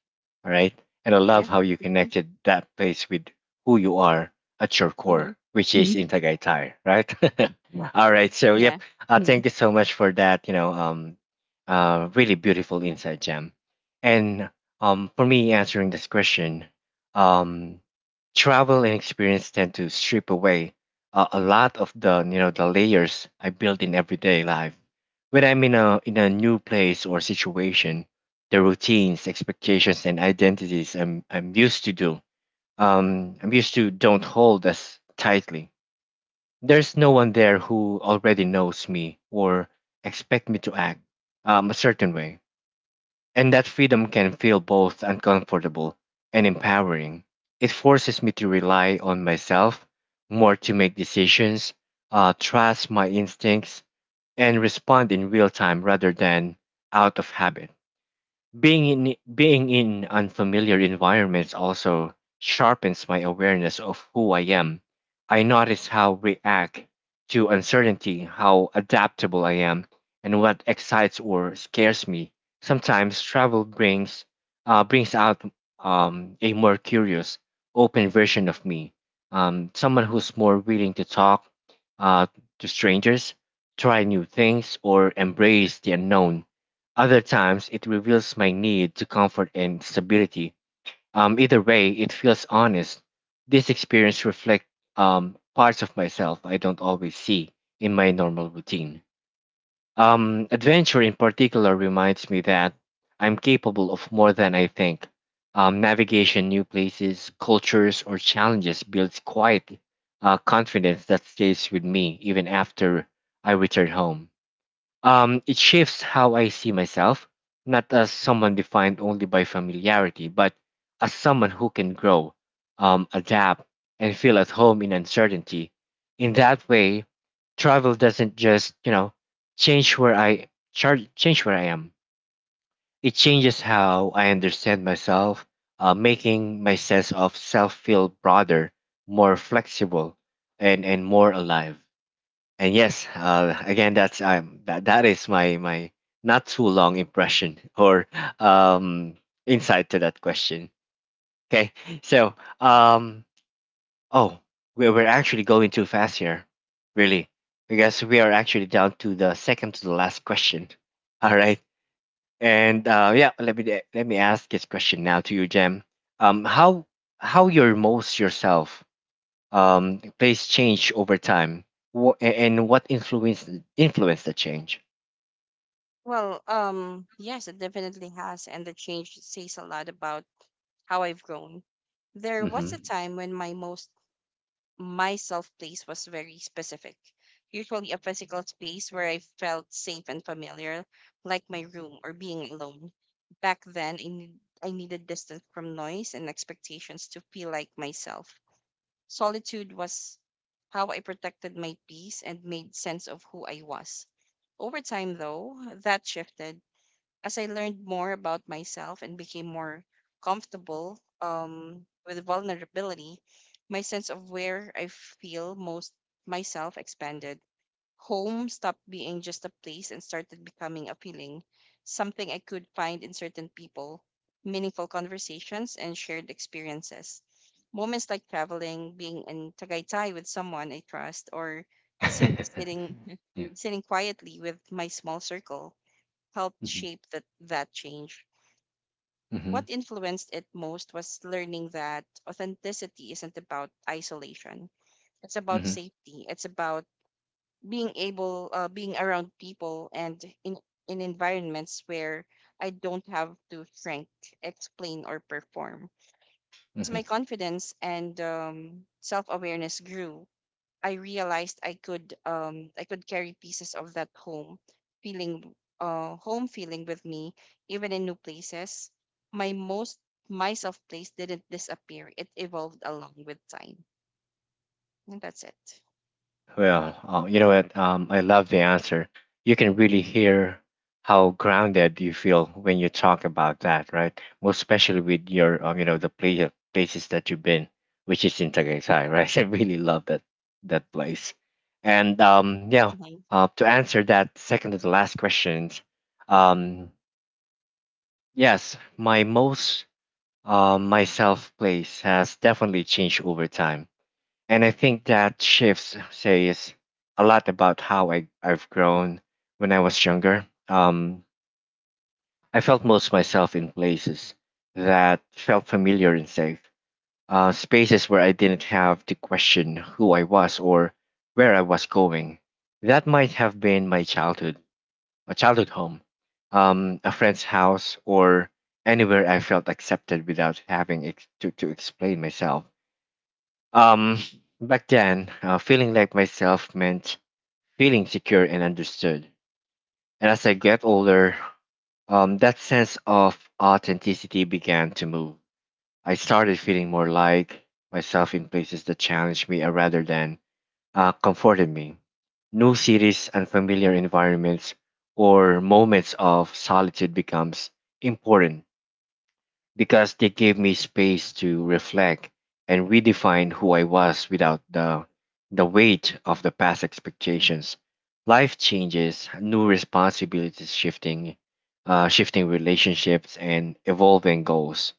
All right. And I love how you connected that place with who you are at your Mm-hmm. core, which is Mhm. intagaitai right? [laughs] Yeah. All right. So Yeah. yep. Yeah, thank you so much for that. Really beautiful insight, Gem. And for me, answering this question, um travel and experience tend to strip away a lot of the, the layers I built in everyday life. When I'm in a new place or situation, the routines, expectations, and identities I'm used to do I'm used to don't hold as tightly. There's no one there who already knows me or expect me to act a certain way, and that freedom can feel both uncomfortable and empowering. It forces me to rely on myself more, to make decisions, trust my instincts, and respond in real time rather than out of habit. Being in unfamiliar environments also sharpens my awareness of who I am. I notice how I react to uncertainty, how adaptable I am, and what excites or scares me. Sometimes travel brings out a more curious, open version of me. Someone who's more willing to talk uh, to strangers, try new things, or embrace the unknown. Other times, it reveals my need to comfort and stability. Either way, it feels honest. This experience reflects parts of myself I don't always see in my normal routine. Adventure, in particular, reminds me that I'm capable of more than I think. Navigation, new places, cultures, or challenges builds quiet confidence that stays with me even after I return home. It shifts how I see myself, not as someone defined only by familiarity, but as someone who can grow, adapt, and feel at home in uncertainty. In that way, travel doesn't just, change where I change where I am. It changes how I understand myself, making my sense of self feel broader, more flexible, and more alive. And yes, again, that's that is my not too long impression [laughs] or um, insight to that question. Okay, so um, oh, we're actually going too fast here, really, because we are actually down to the second to the last question. [laughs] All right, and yeah, let me ask this question now to you, Jem. Um, how how you're most yourself place change over time, and what influence the change? Well, yes, it definitely has, and the change says a lot about how I've grown. There was a Mm-hmm. time when my most my self place was very specific, usually a physical space where I felt safe and familiar, like my room or being alone. Back then, I needed distance from noise and expectations to feel like myself. Solitude was how I protected my peace and made sense of who I was. Over time, though, that shifted as I learned more about myself and became more comfortable with vulnerability. My sense of where I feel most myself expanded. Home stopped being just a place and started becoming a feeling, something I could find in certain people, meaningful conversations, and shared experiences. Moments like traveling, being in Tagaytay with someone I trust, or simply [laughs] sitting Yeah. sitting quietly with my small circle helped Mm-hmm. shape that, that change. Mm-hmm. What influenced it most was learning that authenticity isn't about isolation. It's about Mm-hmm. safety. It's about being able, being around people and in in environments where I don't have to shrink, explain or perform. So my confidence and, self-awareness grew. I realized I could, I could carry pieces of that home feeling, home feeling with me even in new places. My most myself place didn't disappear. It evolved along with time. And that's it. You know what? I love the answer. You can really hear how grounded you feel when you talk about that, right? Most especially with your, places that you've been, which is in Tagaytay, right? [laughs] I really love that place. And um, yeah, Mhm. To answer that second to the last questions, um, yes, my most myself place has definitely changed over time, and I think that shifts says a lot about how I've grown when I was younger. I felt most myself in places that felt familiar and safe, spaces where I didn't have to question who I was or where I was going. That might have been my childhood, a childhood home, a friend's house, or anywhere I felt accepted without having to explain myself. Um, back then, feeling like myself meant feeling secure and understood. And as I got older, that sense of authenticity began to move. I started feeling more like myself in places that challenged me rather than comforted me. New cities, unfamiliar environments, or moments of solitude becomes important because they gave me space to reflect and redefine who I was without the weight of the past expectations. Life changes, new responsibilities shifting, shifting relationships and evolving goals.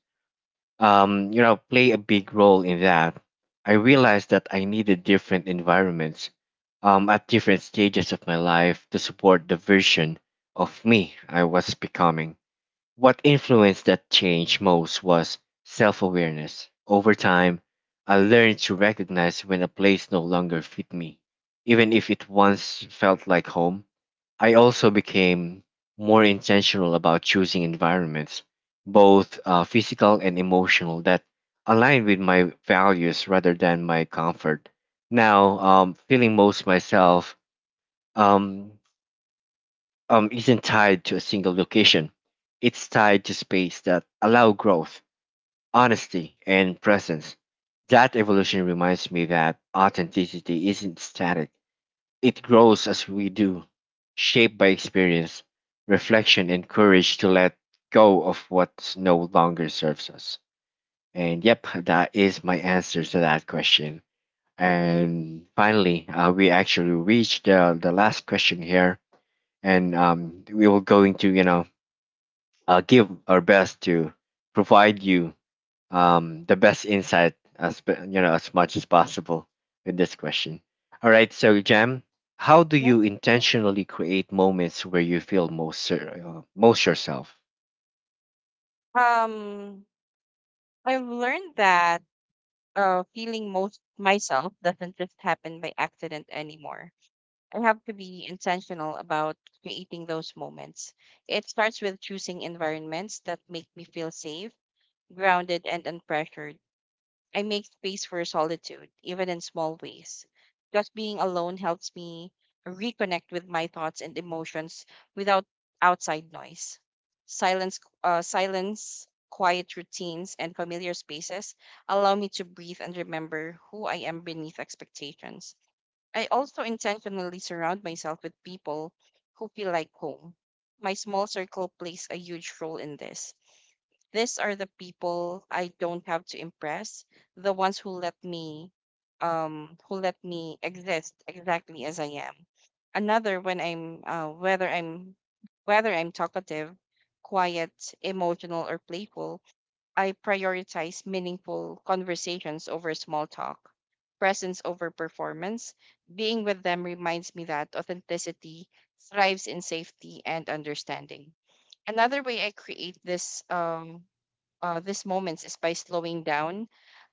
Play a big role in that. I realized that I needed different environments at different stages of my life to support the version of me I was becoming. What influenced that change most was self awareness. Over time, I learned to recognize when a place no longer fit me, even if it once felt like home. I also became more intentional about choosing environments, both physical and emotional, that align with my values rather than my comfort. Now, feeling most myself, um, isn't tied to a single location. It's tied to space that allow growth, honesty, and presence. That evolution reminds me that authenticity isn't static. It grows as we do, shaped by experience, reflection, and courage to let go of what no longer serves us. And yep, that is my answer to that question. And finally, we actually reached the last question here, and we will go into give our best to provide you the best insight as as much as possible with this question. All right, so Jam, how do Yeah. you intentionally create moments where you feel most yourself? Um, I've learned that, feeling most myself doesn't just happen by accident anymore. I have to be intentional about creating those moments. It starts with choosing environments that make me feel safe grounded and unpressured. I make space for solitude, even in small ways. Just being alone helps me reconnect with my thoughts and emotions without outside noise. Silence, quiet routines, and familiar spaces allow me to breathe and remember who I am beneath expectations. I also intentionally surround myself with people who feel like home. My small circle plays a huge role in this. These are the people I don't have to impress, the ones who let me, who let me exist exactly as I am. Another when I'm whether I'm whether I'm talkative, quiet, emotional or playful, I prioritize meaningful conversations over small talk, presence over performance. Being with them reminds me that authenticity thrives in safety and understanding. Another way I create this these moments is by slowing down.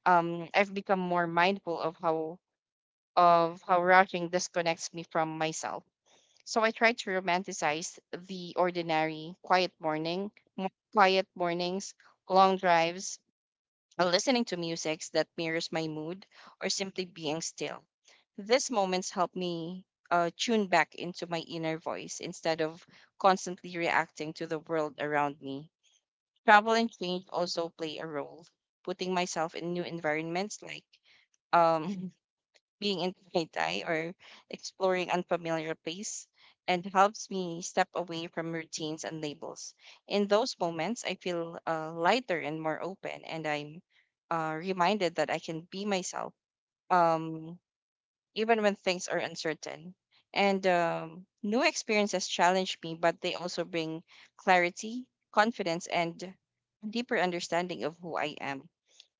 I've become more mindful of how rushing disconnects me from myself. So I try to romanticize the ordinary, quiet morning, quiet mornings, long drives, listening to music that mirrors my mood, or simply being still. These moments help me, tune back into my inner voice instead of constantly reacting to the world around me. Travel and change also play a role. Putting myself in new environments like, um [laughs] being in Thai or exploring unfamiliar place and helps me step away from routines and labels. In those moments, I feel, lighter and more open, and I'm, reminded that I can be myself. Um, Even when things are uncertain. And new experiences challenge me, but they also bring clarity, confidence, and a deeper understanding of who I am.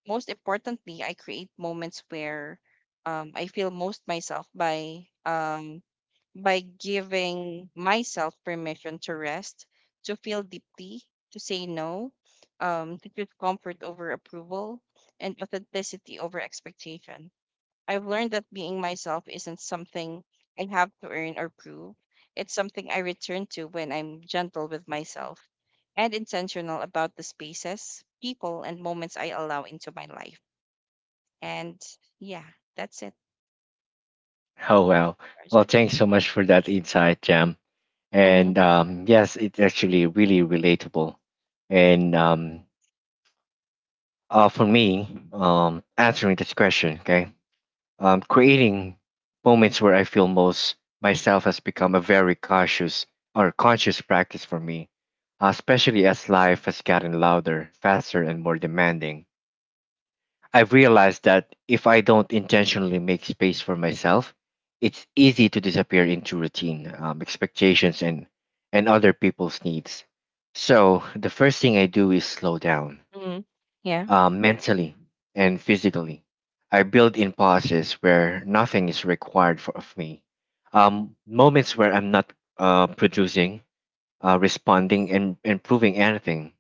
Most importantly, I create moments where, I feel most myself by, by giving myself permission to rest, to feel deeply, to say no, to choose comfort over approval, and authenticity over expectation. I've learned that being myself isn't something I have to earn or prove. It's something I return to when I'm gentle with myself and intentional about the spaces, people, and moments I allow into my life. And yeah, that's it, Oh well, well, Arjun. thanks so much for that insight, Jam. Mm-hmm. And yes, it's actually really relatable. And for me, answering this question, okay, creating moments where I feel most myself has become a very cautious or conscious practice for me, especially as life has gotten louder, faster, and more demanding. I've realized that if I don't intentionally make space for myself, it's easy to disappear into routine, expectations, and other people's needs. So, the first thing I do is slow down Hmm. Yeah. Mentally and physically. I build in pauses where nothing is required for, of me, moments where I'm not producing, responding, and improving anything.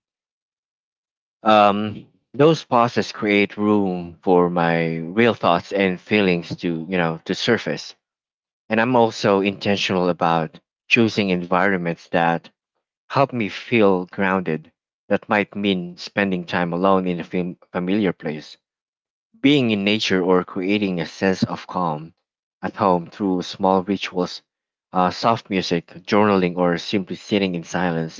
Um, those pauses create room for my real thoughts and feelings to to surface. And I'm also intentional about choosing environments that help me feel grounded. That might mean spending time alone in a familiar place, being in nature, or creating a sense of calm at home through small rituals, soft music, journaling, or simply sitting in silence.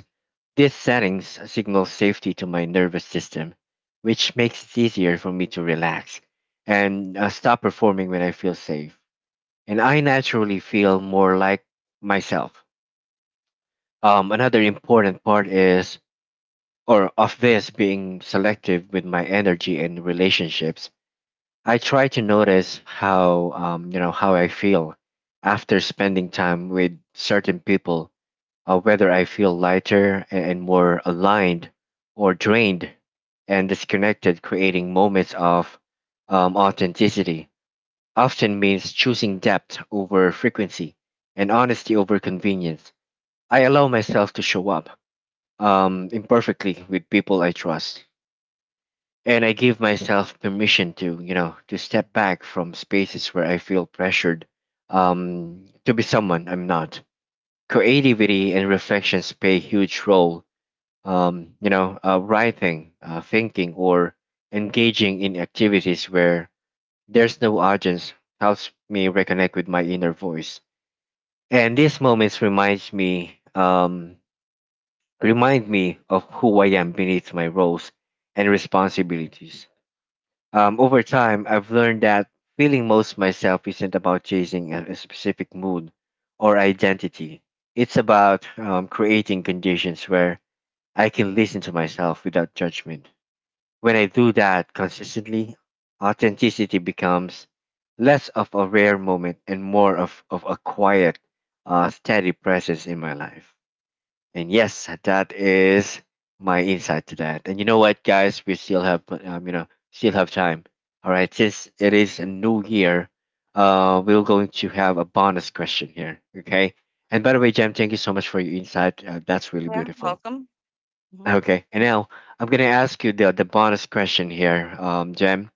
These settings signal safety to my nervous system, which makes it easier for me to relax and stop performing. When I feel safe, and I naturally feel more like myself. Another important part is, or of this, being selective with my energy and relationships. I try to notice how how I feel after spending time with certain people, whether I feel lighter and more aligned, or drained and disconnected. Creating moments of authenticity often means choosing depth over frequency and honesty over convenience. I allow myself to show up imperfectly with people I trust, and I give myself permission to, to step back from spaces where I feel pressured to be someone I'm not. Creativity and reflections play a huge role, writing, thinking, or engaging in activities where there's no audience helps me reconnect with my inner voice. And these moments remind me of who I am beneath my roles and responsibilities. Over time, I've learned that feeling most myself isn't about chasing a specific mood or identity. It's about creating conditions where I can listen to myself without judgment. When I do that consistently, authenticity becomes less of a rare moment and more of a quiet, steady presence in my life. And yes, that is my insight to that. And you know what, guys, we still have time. All right, since it is a new year, we're going to have a bonus question here. Okay. And by the way, Jam, thank you so much for your insight. That's really Yeah. beautiful. Welcome. Mhm. Okay. And now I'm gonna ask you the bonus question here, Jam.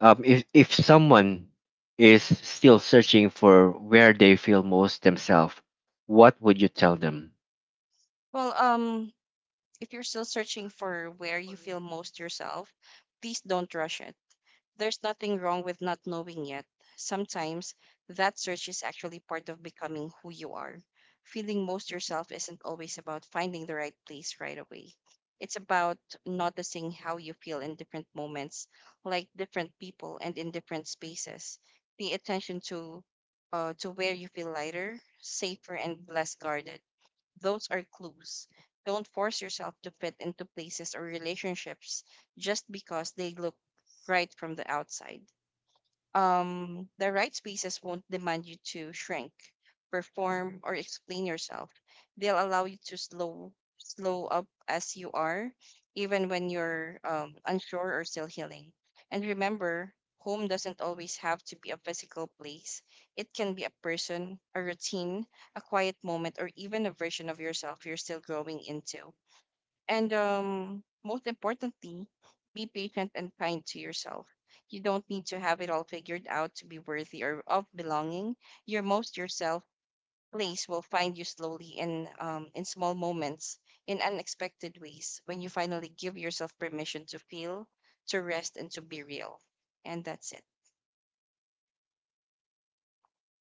If someone is still searching for where they feel most themselves, what would you tell them? Well, if you're still searching for where you feel most yourself, please don't rush it. There's nothing wrong with not knowing yet. Sometimes that search is actually part of becoming who you are. Feeling most yourself isn't always about finding the right place right away. It's about noticing how you feel in different moments, like different people and in different spaces. Pay attention to, to where you feel lighter, safer, and less guarded. Those are clues. Don't force yourself to fit into places or relationships just because they look right from the outside. The right spaces won't demand you to shrink, perform, or explain yourself. They'll allow you to slow up as you are, even when you're, unsure or still healing. And remember, home doesn't always have to be a physical place. It can be a person, a routine, a quiet moment, or even a version of yourself you're still growing into. And most importantly, be patient and kind to yourself. You don't need to have it all figured out to be worthy or of belonging. Your most yourself place will find you slowly in, in small moments, in unexpected ways, when you finally give yourself permission to feel, to rest, and to be real. And that's it.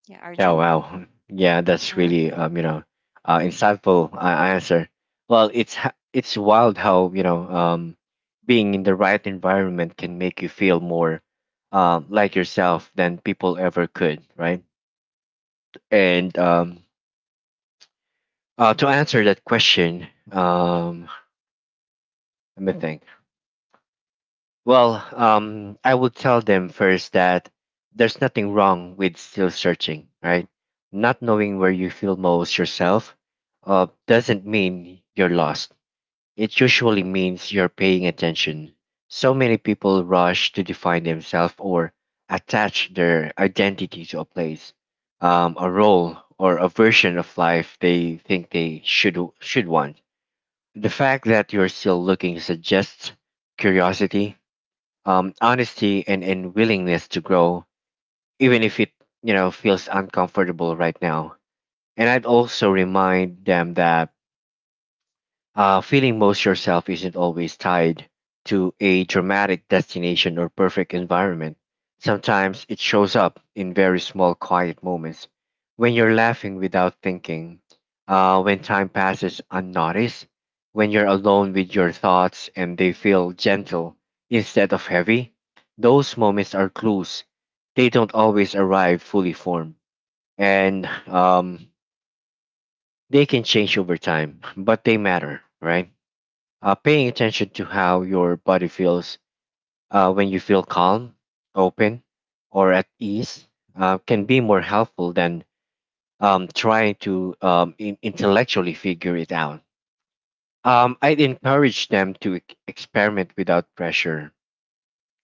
Yeah, Oh Arjun. wow, yeah, that's Mhm. really insightful answer. Well, it's wild how being in the right environment can make you feel more like yourself than people ever could, right? And to answer that question, let me think. Well, I would tell them first that there's nothing wrong with still searching, right? Not knowing where you feel most yourself doesn't mean you're lost. It usually means you're paying attention. So many people rush to define themselves or attach their identity to a place, a role, or a version of life they think they should want. The fact that you're still looking suggests curiosity, honesty, and willingness to grow, even if it feels uncomfortable right now. And I'd also remind them that feeling most yourself isn't always tied to a dramatic destination or perfect environment. Sometimes it shows up in very small, quiet moments when you're laughing without thinking, when time passes unnoticed, when you're alone with your thoughts and they feel gentle instead of heavy. Those moments are clues. They don't always arrive fully formed, and they can change over time, but they matter, right? Paying attention to how your body feels when you feel calm, open, or at ease can be more helpful than trying to intellectually figure it out. I'd encourage them to experiment without pressure,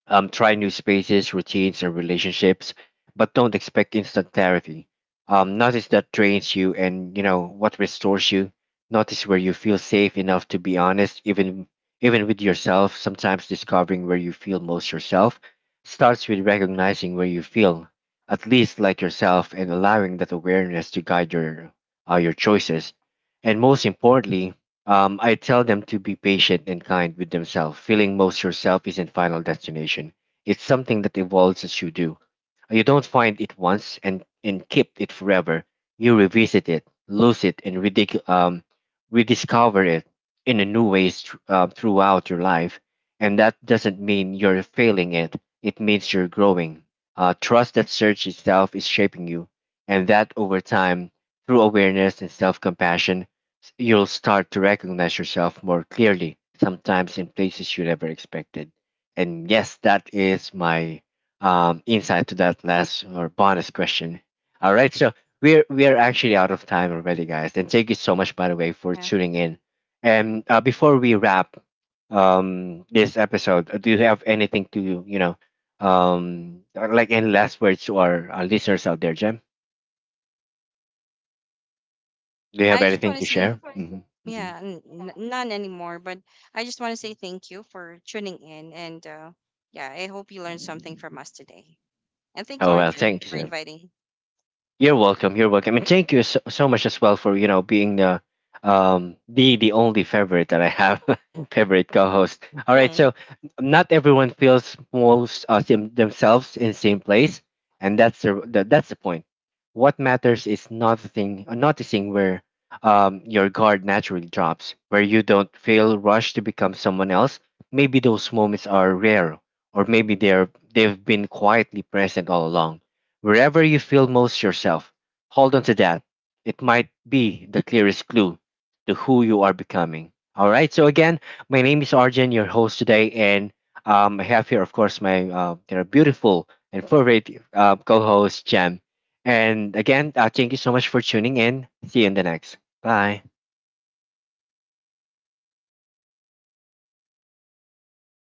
try new spaces, routines, and relationships, but don't expect instant clarity. Notice that drains you and you know what restores you. Notice where you feel safe enough to be honest, even with yourself. Sometimes discovering where you feel most yourself starts with recognizing where you feel at least like yourself and allowing that awareness to guide your choices. And most importantly, I tell them to be patient and kind with themselves. Feeling most yourself isn't final destination. It's something that evolves as you do. You don't find it once and keep it forever. You revisit it, lose it, and rediscover it in a new ways throughout your life. And that doesn't mean you're failing it. It means you're growing. Trust that search itself is shaping you, and that over time, through awareness and self-compassion, you'll start to recognize yourself more clearly, sometimes in places you never expected. And yes, that is my insight to that last or bonus question. All right, so we're actually out of time already, guys. And thank you so much, by the way, for Yeah. tuning in. And before we wrap this episode, do you have anything to like any last words to our listeners out there, Jem? Do you have I just anything want to to share? say, Hmm, hmm. yeah, none anymore. But I just want to say thank you for tuning in. And yeah, I hope you learned something from us today. And thank you, Oh well, Arjun, thank you, for sir. inviting. You're welcome. You're welcome, and thank you so, so much as well for being the the only favorite that I have. [laughs] Favorite co-host. All right, [laughs] so not everyone feels most themselves in the same place, and that's the point. What matters is noticing where your guard naturally drops, where you don't feel rushed to become someone else. Maybe those moments are rare, or maybe they've been quietly present all along. Wherever you feel most yourself, hold on to that. It might be the clearest clue to who you are becoming. All right. So again, my name is Arjun, your host today, and I have here, of course, my they're beautiful and favorite co-host Jem. And again, thank you so much for tuning in. See you in the next. Bye.